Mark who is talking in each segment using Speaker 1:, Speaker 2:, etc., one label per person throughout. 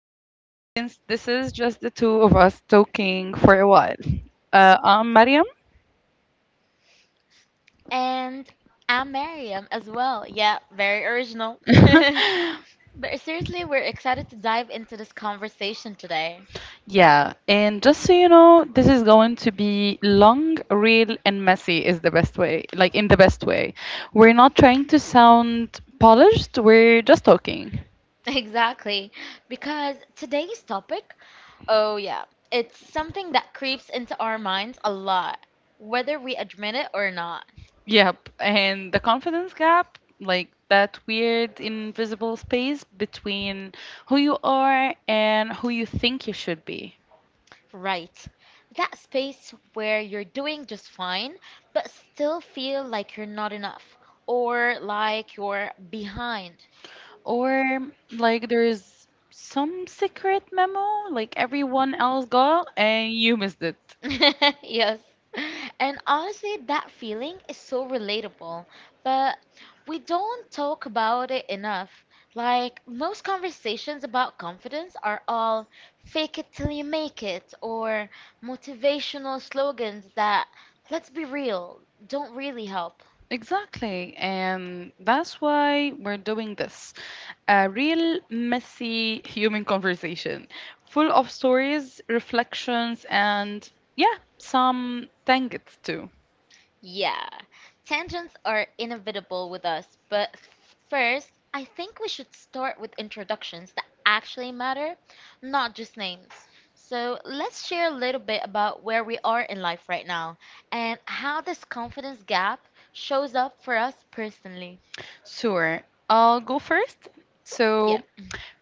Speaker 1: us, since this is just the two of us talking for a while. I'm Mariam.
Speaker 2: And I'm Mariam as well. Yeah, very original. But seriously, we're excited to dive into this conversation today.
Speaker 1: Yeah, and just so you know, this is going to be long, real, and messy is the best way, in the best way. We're not trying to sound polished, we're just talking.
Speaker 2: Exactly, because today's topic, oh yeah, it's something that creeps into our minds a lot, whether we admit it or not.
Speaker 1: Yep, and the confidence gap, like that weird invisible space between who you are and who you think you should be.
Speaker 2: Right. That space where you're doing just fine, but still feel like you're not enough or like you're behind.
Speaker 1: Or like there's some secret memo like everyone else got and you missed it.
Speaker 2: Yes. And honestly, that feeling is so relatable, but we don't talk about it enough. Like, most conversations about confidence are all fake it till you make it or motivational slogans that, let's be real, don't really help.
Speaker 1: Exactly. And that's why we're doing this. A real messy human conversation full of stories, reflections, and yeah, some tangents too.
Speaker 2: Yeah, tangents are inevitable with us, but first, I think we should start with introductions that actually matter, not just names. So let's share a little bit about where we are in life right now and how this confidence gap shows up for us personally.
Speaker 1: Sure, I'll go first.
Speaker 2: Yeah.
Speaker 1: So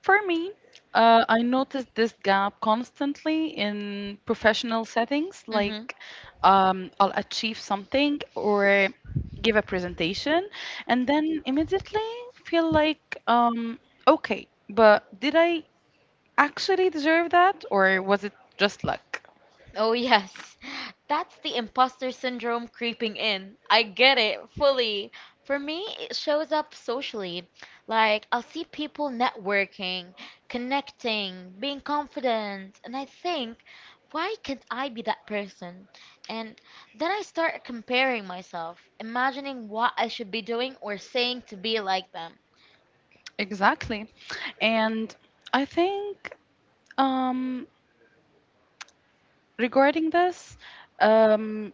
Speaker 1: For me, I noticed this gap constantly in professional settings.
Speaker 2: Hmm.
Speaker 1: Like, I'll achieve something or give a presentation, and then immediately feel like, okay, but did I actually deserve that, or was it just luck?
Speaker 2: Oh, yes. That's the imposter syndrome creeping in. I get it fully. For me, it shows up socially. Like, I'll see people networking, connecting, being confident, and I think, why can't I be that person? And then I start comparing myself, imagining what I should be doing or saying to be like them.
Speaker 1: Exactly. And I think um, regarding this, um,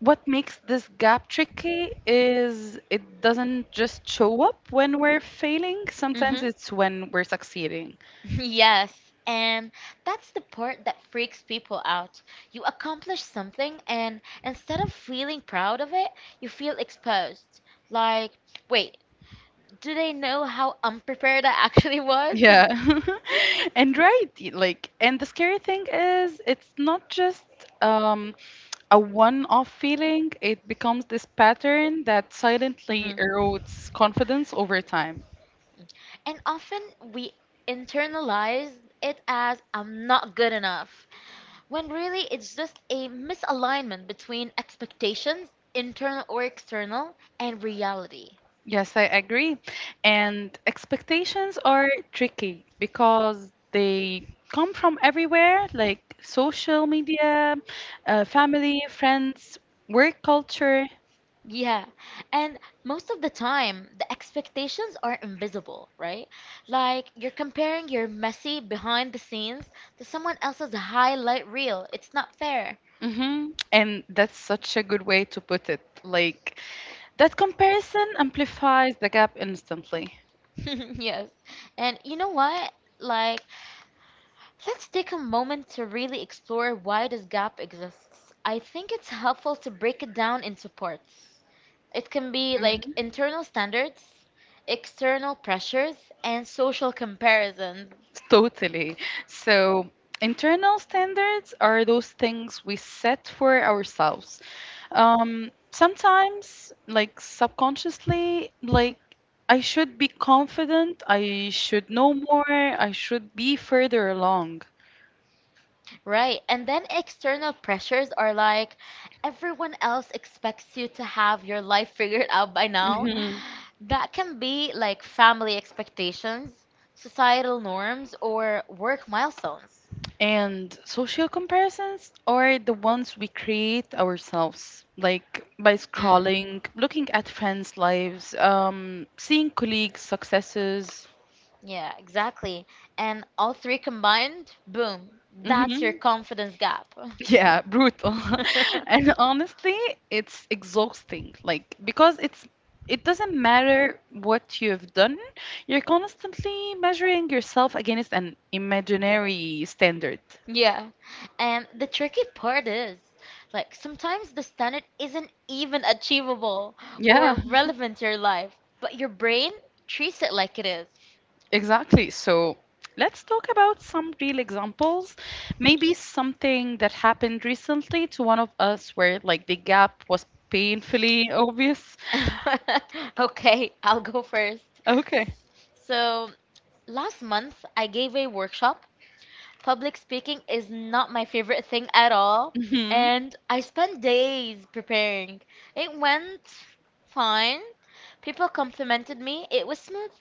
Speaker 1: what makes this gap tricky is it doesn't just show up when we're failing; sometimes
Speaker 2: Hmm.
Speaker 1: it's when we're succeeding.
Speaker 2: Yes, and that's the part that freaks people out. You accomplish something, and instead of feeling proud of it, you feel exposed. Like, wait, do they know how unprepared I actually was?
Speaker 1: Yeah. And right, like, and the scary thing is it's not just um a one-off feeling, it becomes this pattern that silently
Speaker 2: Hmm.
Speaker 1: erodes confidence over time.
Speaker 2: And often we internalize it as I'm not good enough, when really it's just a misalignment between expectations, internal or external, and reality.
Speaker 1: Yes, I agree. And expectations are tricky because they come from everywhere, like social media, family, friends, work culture.
Speaker 2: Yeah, and most of the time, the expectations are invisible, right? Like you're comparing your messy behind the scenes to someone else's highlight reel. It's not fair.
Speaker 1: And that's such a good way to put it. Like that comparison amplifies the gap instantly.
Speaker 2: Yes. And you know what? Like, let's take a moment to really explore why this gap exists. I think it's helpful to break it down into parts. It can be like
Speaker 1: Mhm.
Speaker 2: internal standards, external pressures, and social comparisons.
Speaker 1: Totally. So, internal standards are those things we set for ourselves. Sometimes, like subconsciously, like I should be confident, I should know more, I should be further along.
Speaker 2: Right. And then external pressures are like everyone else expects you to have your life figured out by now.
Speaker 1: hmm
Speaker 2: That can be like family expectations, societal norms, or work milestones.
Speaker 1: And social comparisons are the ones we create ourselves, like by
Speaker 2: Mm.
Speaker 1: scrolling, looking at friends' lives, seeing colleagues' successes.
Speaker 2: Yeah, exactly. And all three combined, boom, that's your
Speaker 1: hmm
Speaker 2: confidence gap.
Speaker 1: Yeah, brutal. And honestly, it's exhausting. Because it doesn't matter what you've done, you're constantly measuring yourself against an imaginary standard.
Speaker 2: Yeah. And the tricky part is, like, sometimes the standard isn't even achievable or
Speaker 1: Yeah,
Speaker 2: relevant to your life, but your brain treats it like it is.
Speaker 1: exactly. So let's talk about some real examples. Maybe something that happened recently to one of us where like the gap was painfully obvious.
Speaker 2: Okay, I'll go first.
Speaker 1: Okay.
Speaker 2: So, last month I gave a workshop. Public speaking is not my favorite thing at all,
Speaker 1: hmm
Speaker 2: and I spent days preparing. It went fine. People complimented me. It was smooth.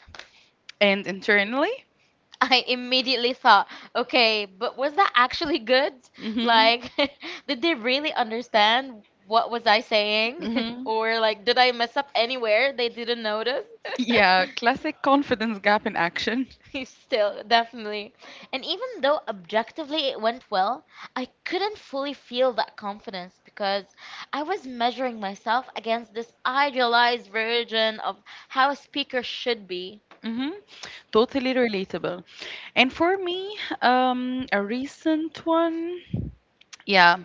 Speaker 1: And internally?
Speaker 2: I immediately thought, okay, but was that actually good?
Speaker 1: hmm
Speaker 2: Like, did they really understand what was I saying?
Speaker 1: hmm
Speaker 2: Or like, did I mess up anywhere they didn't notice?
Speaker 1: Yeah, classic confidence gap in action.
Speaker 2: Still, definitely. And even though objectively it went well, I couldn't fully feel that confidence because I was measuring myself against this idealized version of how a speaker should be.
Speaker 1: Mm-hmm. Totally relatable. And for me, a recent one, yeah,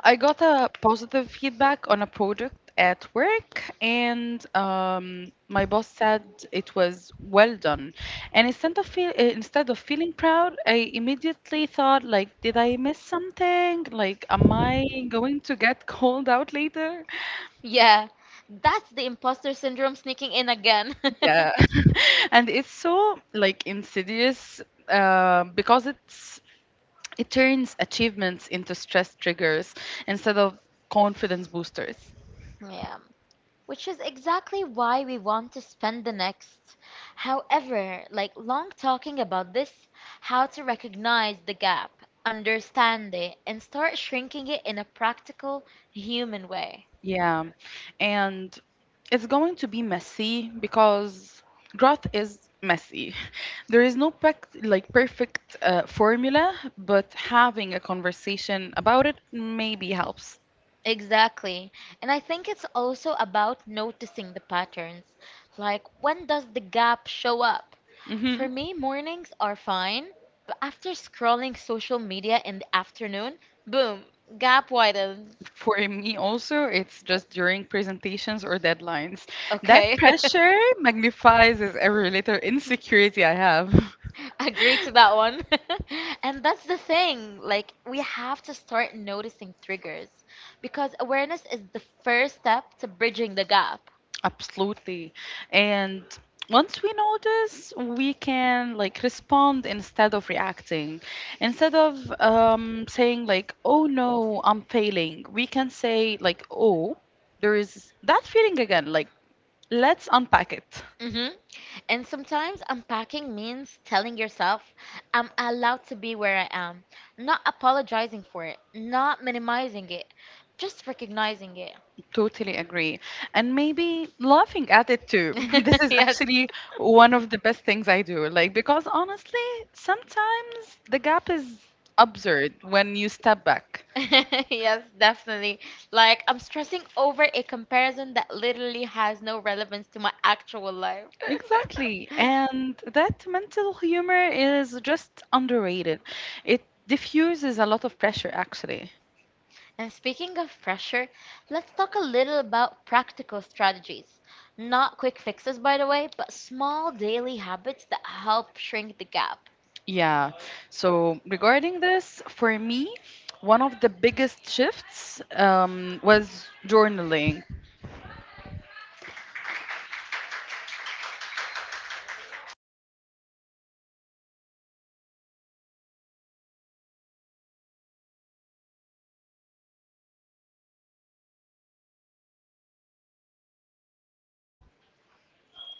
Speaker 1: I got a positive feedback on a product at work, and my boss said it was well done. And instead of feeling proud, I immediately thought like, did I miss something? Like, am I going to get called out later?
Speaker 2: Yeah, that's the imposter syndrome sneaking in again.
Speaker 1: Yeah. And it's so like insidious because it turns achievements into stress triggers instead of confidence boosters.
Speaker 2: Yeah. Which is exactly why we want to spend the next, however, like long talking about this, how to recognize the gap, understand it, and start shrinking it in a practical, human way.
Speaker 1: Yeah. And it's going to be messy because growth is messy. There is no perfect formula, but having a conversation about it maybe helps.
Speaker 2: Exactly. And I think it's also about noticing the patterns. Like, when does the gap show up?
Speaker 1: hmm
Speaker 2: For me, mornings are fine, but after scrolling social media in the afternoon, boom, gap widens.
Speaker 1: For me also, it's just during presentations or deadlines. That
Speaker 2: Okay.
Speaker 1: pressure magnifies is every little insecurity I have.
Speaker 2: Agree to that one. And that's the thing. Like, we have to start noticing triggers because awareness is the first step to bridging the gap.
Speaker 1: Absolutely. And once we notice, we can like respond instead of reacting. Instead of saying like, "Oh no, I'm failing," we can say like, "Oh, there is that feeling again." Like, let's unpack it.
Speaker 2: Hmm. And sometimes unpacking means telling yourself, I'm allowed to be where I am, not apologizing for it, not minimizing it, just recognizing
Speaker 1: Totally agree. And maybe laughing at it too. This
Speaker 2: it.
Speaker 1: is
Speaker 2: Yes.
Speaker 1: actually one of the best things I do. Like, because honestly, sometimes the gap is absurd when you step back.
Speaker 2: Yes, definitely. Like, I'm stressing over a comparison that literally has no relevance to my actual life.
Speaker 1: Exactly. And that mental humor is just underrated. It diffuses a lot of pressure, actually.
Speaker 2: And speaking of pressure, let's talk a little about practical strategies. Not quick fixes, by the way, but small daily habits that help shrink the gap.
Speaker 1: Yeah. So, regarding this, for me, one of the biggest shifts was journaling.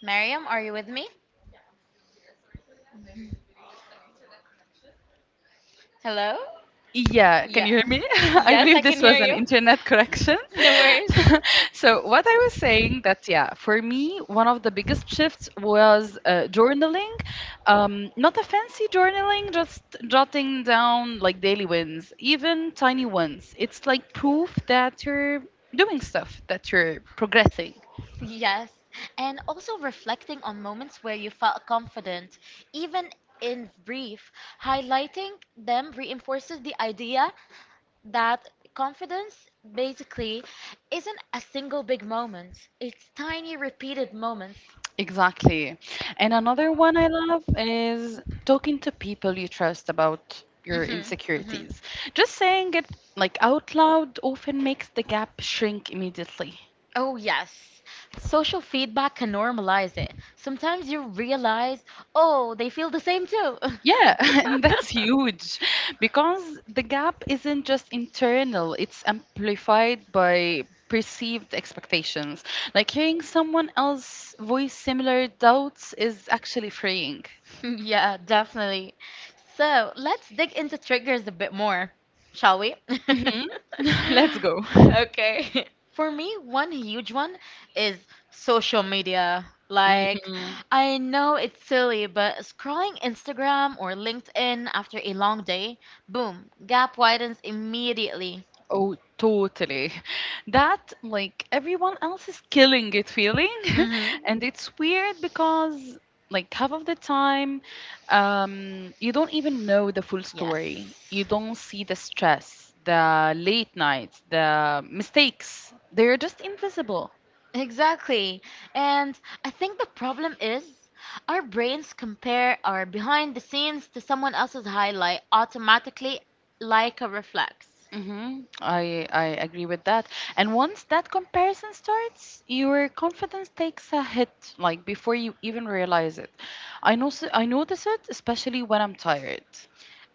Speaker 2: Mariam, are you with me? Hello?
Speaker 1: Yeah, can
Speaker 2: Yeah.
Speaker 1: you hear me? I
Speaker 2: Yes, I
Speaker 1: believe
Speaker 2: can
Speaker 1: this
Speaker 2: hear
Speaker 1: was an
Speaker 2: you.
Speaker 1: internet correction.
Speaker 2: No worries.
Speaker 1: So what I was saying that yeah, for me one of the biggest shifts was journaling, not a fancy journaling, just jotting down like daily wins, even tiny ones. It's like proof that you're doing stuff, that you're progressing.
Speaker 2: Yes, and also reflecting on moments where you felt confident, even in brief, highlighting them reinforces the idea that confidence basically isn't a single big moment, it's tiny repeated moments.
Speaker 1: Exactly. And another one I love is talking to people you trust about your
Speaker 2: Hmm. Hmm.
Speaker 1: insecurities. Just saying it like out loud often makes the gap shrink immediately.
Speaker 2: Oh, yes. Social feedback can normalize it. Sometimes you realize, oh, they feel the same too.
Speaker 1: Yeah, and that's huge because the gap isn't just internal, it's amplified by perceived expectations. Like hearing someone else voice similar doubts is actually freeing.
Speaker 2: Yeah, definitely. So let's dig into triggers a bit more, shall we?
Speaker 1: hmm Let's go.
Speaker 2: Okay. For me, one huge one is social media. Like,
Speaker 1: Mhm.
Speaker 2: I know it's silly, but scrolling Instagram or LinkedIn after a long day, boom, gap widens immediately.
Speaker 1: Oh, totally. That, like, everyone else is killing it feeling.
Speaker 2: Mm-hmm.
Speaker 1: And it's weird because, like, half of the time, you don't even know the full story. You
Speaker 2: Yes.
Speaker 1: don't see the stress, the late nights, the mistakes. They're just invisible.
Speaker 2: Exactly. And I think the problem is our brains compare our behind the scenes to someone else's highlight automatically like a reflex.
Speaker 1: Mm-hmm. I agree with that. And once that comparison starts, your confidence takes a hit, like before you even realize it. I know I notice it especially when I'm tired.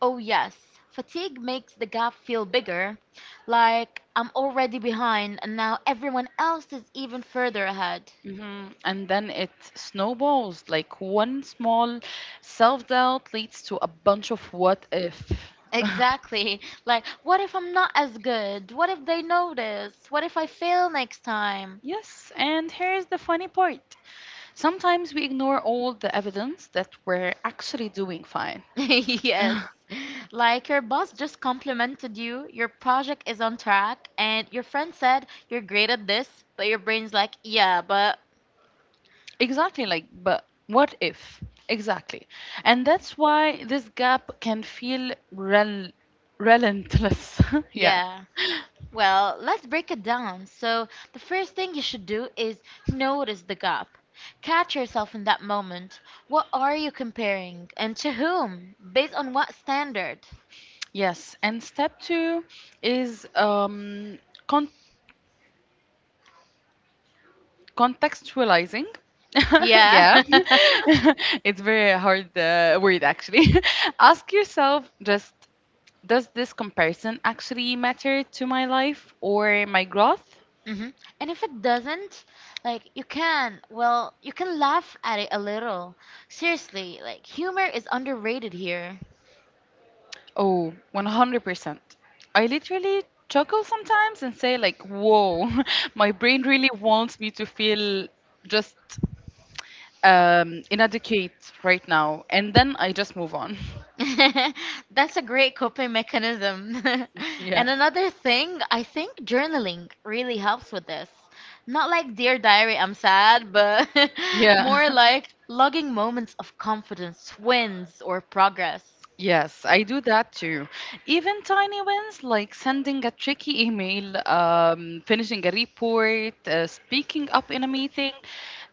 Speaker 2: Oh, yes, fatigue makes the gap feel bigger, like I'm already behind and now everyone else is even further ahead.
Speaker 1: Mm-hmm. And then it snowballs. Like one small self-doubt leads to a bunch of what if.
Speaker 2: Exactly. Like, what if I'm not as good? What if they notice? What if I fail next time?
Speaker 1: Yes, and here's the funny part. Sometimes we ignore all the evidence that we're actually doing fine.
Speaker 2: Yes. Like your boss just complimented you, your project is on track, and your friend said you're great at this, but your brain's like, yeah, but
Speaker 1: Exactly, like, but what if? Exactly. And that's why this gap can feel relentless. Yeah.
Speaker 2: yeah. Well, let's break it down. So, the first thing you should do is notice the gap. Catch yourself in that moment. What are you comparing, and to whom? Based on what standard?
Speaker 1: Yes. And step two is con contextualizing.
Speaker 2: Yeah.
Speaker 1: Yeah. Yeah. It's very hard word, actually. Ask yourself just, does this comparison actually matter to my life or my growth?
Speaker 2: Hmm. And if it doesn't, like you can, well, you can laugh at it a little. Seriously, like humor is underrated here.
Speaker 1: Oh, 100%. I literally chuckle sometimes and say, like, whoa, my brain really wants me to feel just inadequate right now. And then I just move on.
Speaker 2: That's a great coping mechanism.
Speaker 1: Yeah.
Speaker 2: And another thing, I think journaling really helps with this. Not like Dear Diary, I'm sad, but
Speaker 1: Yeah.
Speaker 2: more like logging moments of confidence, wins, or progress.
Speaker 1: Yes, I do that too. Even tiny wins like sending a tricky email, finishing a report, speaking up in a meeting,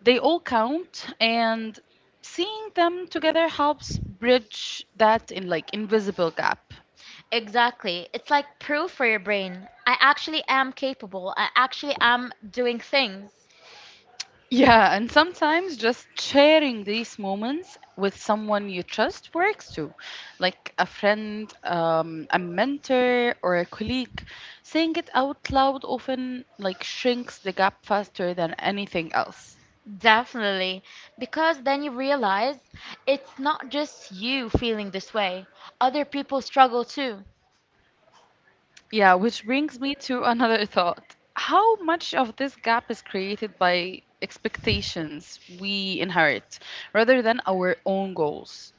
Speaker 1: they all count. And seeing them together helps bridge that in like invisible gap.
Speaker 2: Exactly. It's like proof for your brain. I actually am capable. I actually am doing things.
Speaker 1: Yeah, and sometimes just sharing these moments with someone you trust works too, like a friend, a mentor, or a colleague. Saying it out loud often like shrinks the gap faster than anything else.
Speaker 2: Definitely. Because then you realize it's not just you feeling this way, other people struggle too.
Speaker 1: Yeah, which brings me to another thought. How much of this gap is created by expectations we inherit rather than our own goals?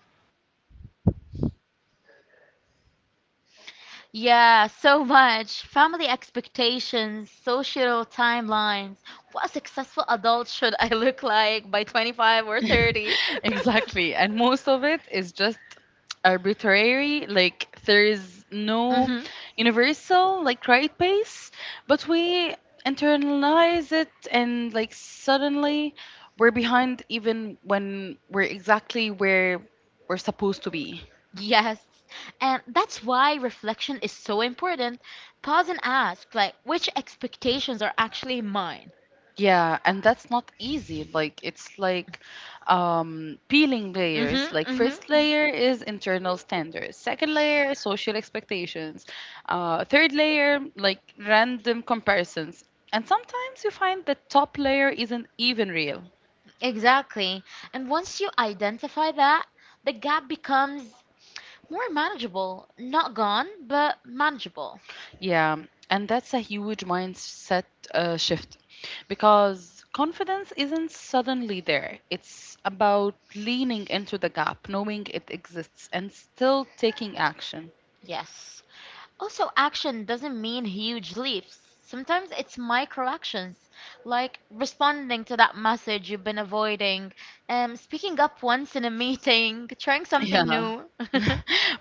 Speaker 2: Yeah, so much. Family expectations, social timelines. What successful adult should I look like by 25 or 30?
Speaker 1: Exactly. And most of it is just arbitrary. Like there is no
Speaker 2: Hmm.
Speaker 1: universal like right pace, but we internalize it and like suddenly we're behind even when we're exactly where we're supposed to be.
Speaker 2: Yes. And that's why reflection is so important. Pause and ask, like, which expectations are actually mine?
Speaker 1: Yeah, and that's not easy. Like it's like peeling
Speaker 2: Mm-hmm,
Speaker 1: layers. Like
Speaker 2: mm-hmm.
Speaker 1: first layer is internal standards. Second layer social expectations. Third layer like random comparisons. And sometimes you find the top layer isn't even real.
Speaker 2: Exactly. And once you identify that, the gap becomes more manageable. Not gone, but manageable.
Speaker 1: Yeah, and that's a huge mindset shift because confidence isn't suddenly there. It's about leaning into the gap, knowing it exists, and still taking action.
Speaker 2: Yes. Also, action doesn't mean huge leaps. Sometimes it's micro actions, like responding to that message you've been avoiding, speaking up once in a meeting, trying something
Speaker 1: Yeah.
Speaker 2: new.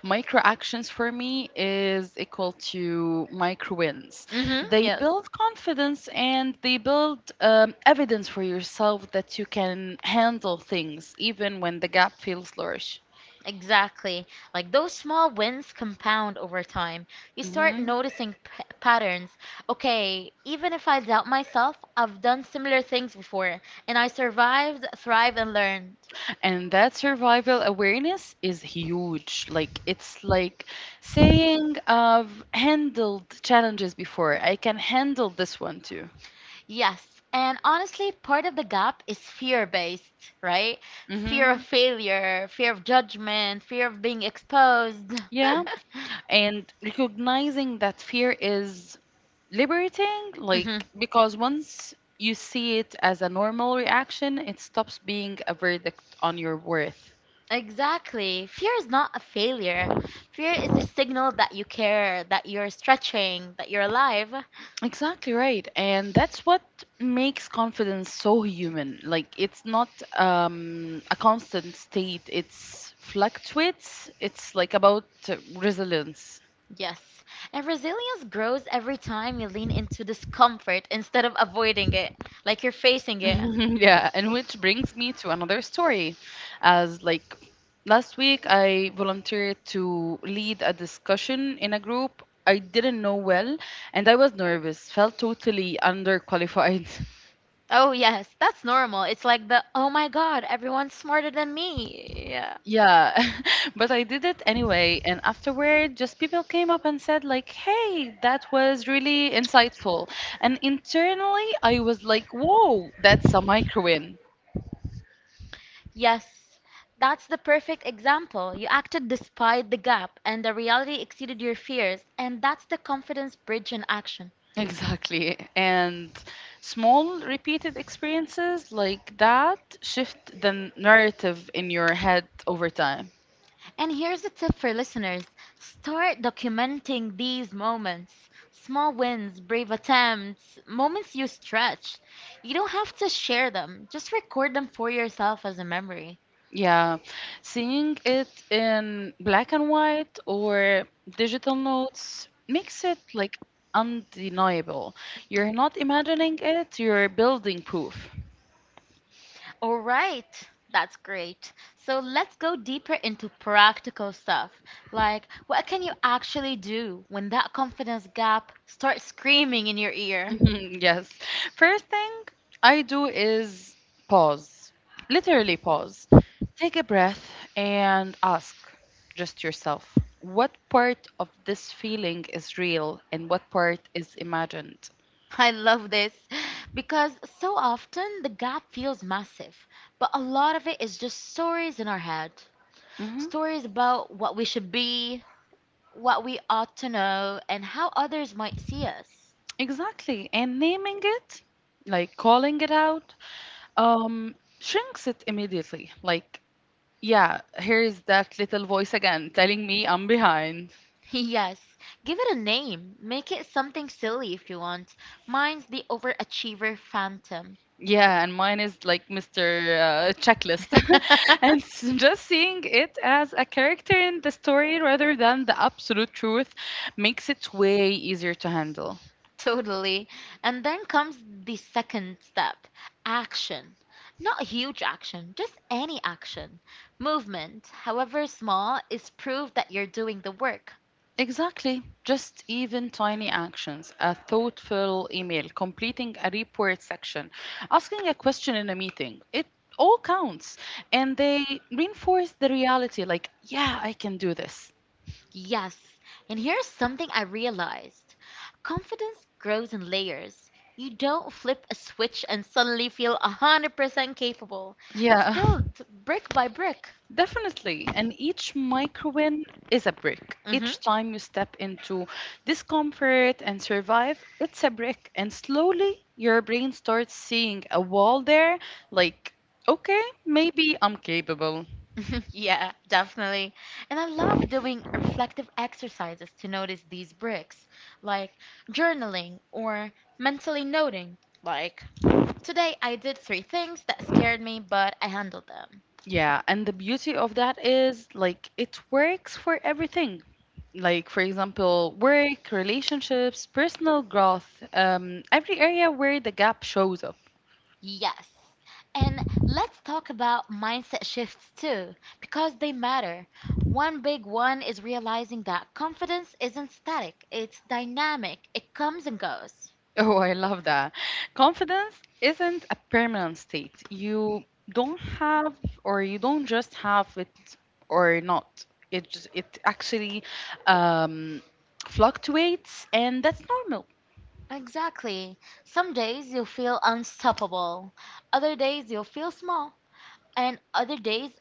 Speaker 1: Micro actions for me is equal to micro wins.
Speaker 2: hmm
Speaker 1: They
Speaker 2: yes,
Speaker 1: build confidence and they build evidence for yourself that you can handle things even when the gap feels large.
Speaker 2: exactly. Like those small wins compound over time. You start
Speaker 1: Mhm.
Speaker 2: noticing patterns. Okay, even if I doubt myself, I've done similar things before, and I survived, thrived, and learned.
Speaker 1: And that survival awareness is huge. Like it's like saying I've handled challenges before. I can handle this one too.
Speaker 2: Yes, and honestly, part of the gap is fear-based, right? Fear of
Speaker 1: hmm
Speaker 2: failure, fear of judgment, fear of being exposed.
Speaker 1: Yeah. And recognizing that fear is liberating, Mhm, like,
Speaker 2: Mhm.
Speaker 1: because once you see it as a normal reaction, it stops being a verdict on your worth.
Speaker 2: Exactly. Fear is not a failure. Fear is a signal that you care, that you're stretching, that you're alive.
Speaker 1: Exactly right. And that's what makes confidence so human. Like it's not a constant state, it's fluctuates. It's like about resilience.
Speaker 2: Yes. And resilience grows every time you lean into discomfort instead of avoiding it, like you're facing it.
Speaker 1: Yeah, and which brings me to another story. As like last week, I volunteered to lead a discussion in a group I didn't know well, and I was nervous, felt totally underqualified.
Speaker 2: Oh, yes, that's normal. It's like the, oh my God, everyone's smarter than me. Yeah.
Speaker 1: Yeah, but I did it anyway, and afterward, just people came up and said, like, hey, that was really insightful. And internally, I was like, whoa, that's a micro win.
Speaker 2: Yes, that's the perfect example. You acted despite the gap, and the reality exceeded your fears, and that's the confidence bridge in action.
Speaker 1: Exactly. And small repeated experiences like that shift the narrative in your head over time.
Speaker 2: And here's a tip for listeners: start documenting these moments, small wins, brave attempts, moments you stretched. You don't have to share them, just record them for yourself as a memory.
Speaker 1: Yeah. Seeing it in black and white or digital notes makes it like undeniable. You're not imagining it, you're building proof.
Speaker 2: All right, that's great. So let's go deeper into practical stuff. Like, what can you actually do when that confidence gap starts screaming in your ear?
Speaker 1: Mhm, yes. First thing I do is pause, literally pause. Take a breath and ask just yourself what part of this feeling is real and what part is imagined.
Speaker 2: I love this because so often the gap feels massive, but a lot of it is just stories in our head.
Speaker 1: hmm
Speaker 2: Stories about what we should be, what we ought to know, and how others might see us.
Speaker 1: Exactly. And naming it, like calling it out, shrinks it immediately. Like, yeah, here's that little voice again telling me I'm behind.
Speaker 2: Yes, give it a name. Make it something silly if you want. Mine's the overachiever phantom.
Speaker 1: Yeah, and mine is like Mr. Checklist. And just seeing it as a character in the story rather than the absolute truth makes it way easier to handle.
Speaker 2: Totally. And then comes the second step, action. Not huge action, just any action. Movement, however small, is proof that you're doing the work.
Speaker 1: Exactly. Just even tiny actions, a thoughtful email, completing a report section, asking a question in a meeting. It all counts. And they reinforce the reality like, yeah, I can do this.
Speaker 2: Yes, and here's something I realized. Confidence grows in layers. You don't flip a switch and suddenly feel 100% capable. It's
Speaker 1: Yeah.
Speaker 2: built brick by brick.
Speaker 1: Definitely. And each micro win is a brick.
Speaker 2: Hmm.
Speaker 1: Each time you step into discomfort and survive, it's a brick. And slowly your brain starts seeing a wall there, like, okay, maybe I'm capable.
Speaker 2: Yeah, definitely. And I love doing reflective exercises to notice these bricks, like journaling or mentally noting. Like, today I did three things that scared me, but I handled them.
Speaker 1: Yeah. And the beauty of that is, like, it works for everything. Like, for example, work, relationships, personal growth, every area where the gap shows up.
Speaker 2: Yes. And let's talk about mindset shifts too, because they matter. One big one is realizing that confidence isn't static, it's dynamic, it comes and goes.
Speaker 1: Oh, I love that. Confidence isn't a permanent state. Don't have, you don't just have it or not. It actually um, fluctuates, and that's normal.
Speaker 2: Exactly. Some days you'll feel unstoppable, other days you'll feel small, and other days,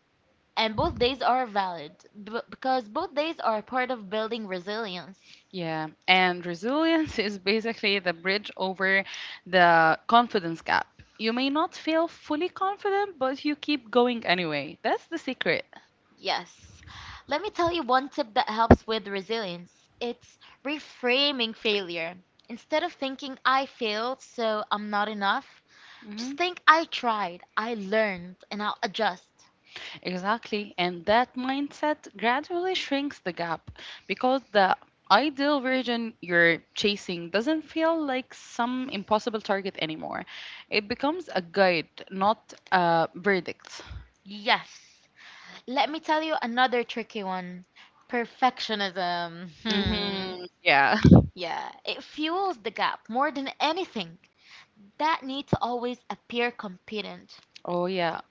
Speaker 2: and both days are valid because both days are part of building resilience.
Speaker 1: Yeah, and resilience is basically the bridge over the confidence gap. You may not feel fully confident, but you keep going anyway. That's the secret.
Speaker 2: Yes. Let me tell you one tip that helps with resilience. It's reframing failure. Instead of thinking I failed, so I'm not enough, just
Speaker 1: hmm
Speaker 2: think I tried, I learned, and I'll adjust.
Speaker 1: Exactly. And that mindset gradually shrinks the gap because the ideal version you're chasing doesn't feel like some impossible target anymore. It becomes a guide, not a verdict.
Speaker 2: Yes. Let me tell you another tricky one. Perfectionism. Hmm.
Speaker 1: Yeah.
Speaker 2: Yeah, it fuels the gap more than anything. That need to always appear competent.
Speaker 1: Oh, yeah.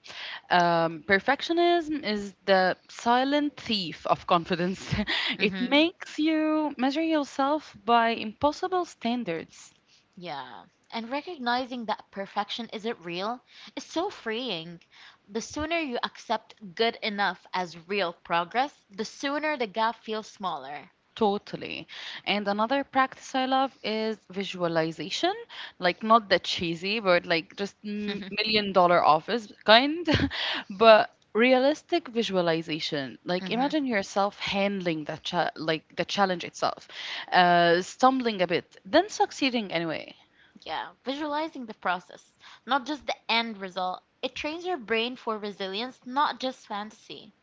Speaker 1: Perfectionism is the silent thief of confidence. It
Speaker 2: Mhm.
Speaker 1: makes you measure yourself by impossible standards.
Speaker 2: Yeah. And recognizing that perfection isn't real is so freeing. The sooner you accept good enough as real progress, the sooner the gap feels smaller.
Speaker 1: Totally. And another practice I love is visualization, like not the cheesy, but like just million dollar office kind, but realistic visualization. Like
Speaker 2: Hmm.
Speaker 1: imagine yourself handling the challenge itself, stumbling a bit, then succeeding anyway.
Speaker 2: Yeah, visualizing the process, not just the end result. It trains your brain for resilience, not just fantasy.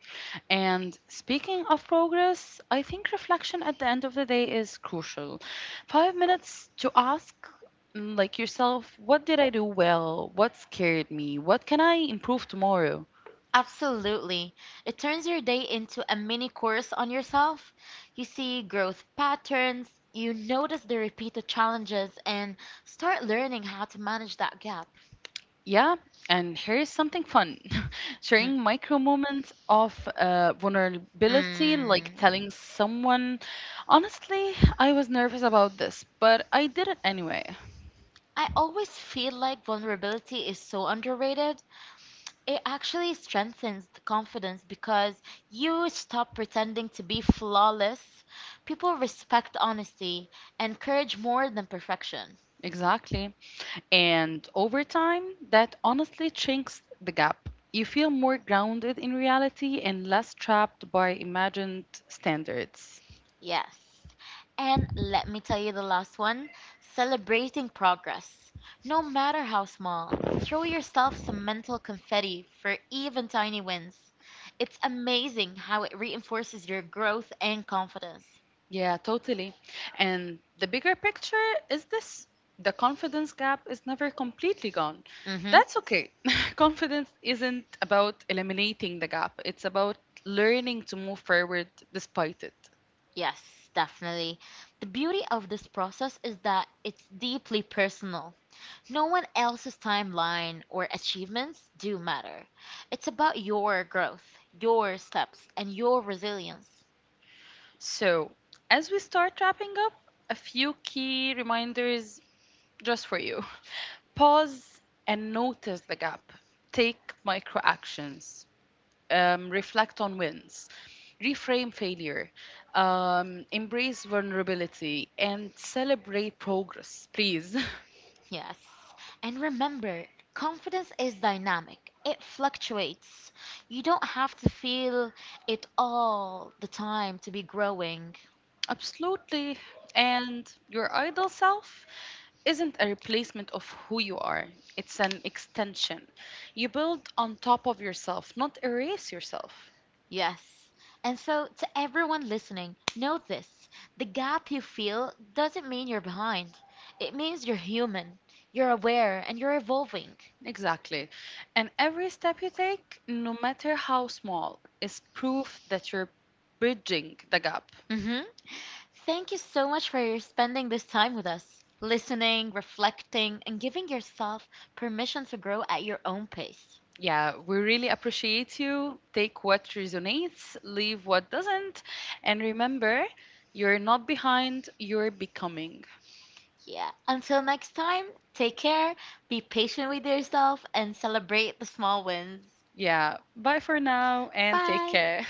Speaker 1: And speaking of progress, I think reflection at the end of the day is crucial. 5 minutes to ask, like yourself, what did I do well? What scared me? What can I improve tomorrow?
Speaker 2: Absolutely. It turns your day into a mini course on yourself. You see growth patterns, you notice the repeated challenges, and start learning how to manage that gap.
Speaker 1: Yeah, and here's something fun
Speaker 2: Hmm.
Speaker 1: sharing micro moments of vulnerability, like
Speaker 2: Mm.
Speaker 1: telling someone, honestly, I was nervous about this, but I did it anyway.
Speaker 2: I always feel like vulnerability is so underrated. It actually strengthens the confidence because you stop pretending to be flawless. People respect honesty and courage more than perfection.
Speaker 1: Exactly. And over time, that honestly shrinks the gap. You feel more grounded in reality and less trapped by imagined standards.
Speaker 2: Yes. And let me tell you the last one: celebrating progress. No matter how small, throw yourself some mental confetti for even tiny wins. It's amazing how it reinforces your growth and confidence.
Speaker 1: Yeah, totally. And the bigger picture is this: the confidence gap is never completely gone.
Speaker 2: Mm-hmm.
Speaker 1: That's okay. Confidence isn't about eliminating the gap, it's about learning to move forward despite it.
Speaker 2: Yes, definitely. The beauty of this process is that it's deeply personal. No one else's timeline or achievements do matter. It's about your growth, your steps, and your resilience.
Speaker 1: So, as we start wrapping up, a few key reminders just for you. Pause and notice the gap. Take micro actions. Reflect on wins. Reframe failure. Embrace vulnerability and celebrate progress, please.
Speaker 2: Yes. And remember, confidence is dynamic. It fluctuates. You don't have to feel it all the time to be growing.
Speaker 1: Absolutely. And your idle self isn't a replacement of who you are, it's an extension. You build on top of yourself, not erase yourself.
Speaker 2: Yes. And so, to everyone listening, know this: the gap you feel doesn't mean you're behind. It means you're human, you're aware, and you're evolving.
Speaker 1: Exactly. And every step you take, no matter how small, is proof that you're bridging the gap.
Speaker 2: Hmm. Thank you so much for your spending this time with us, listening, reflecting, and giving yourself permission to grow at your own pace.
Speaker 1: Yeah, we really appreciate you. Take what resonates, leave what doesn't, and remember, you're not behind, you're becoming.
Speaker 2: Yeah. Until next time, take care, be patient with yourself, and celebrate the small wins.
Speaker 1: Yeah, bye for now and take
Speaker 2: Bye.
Speaker 1: care.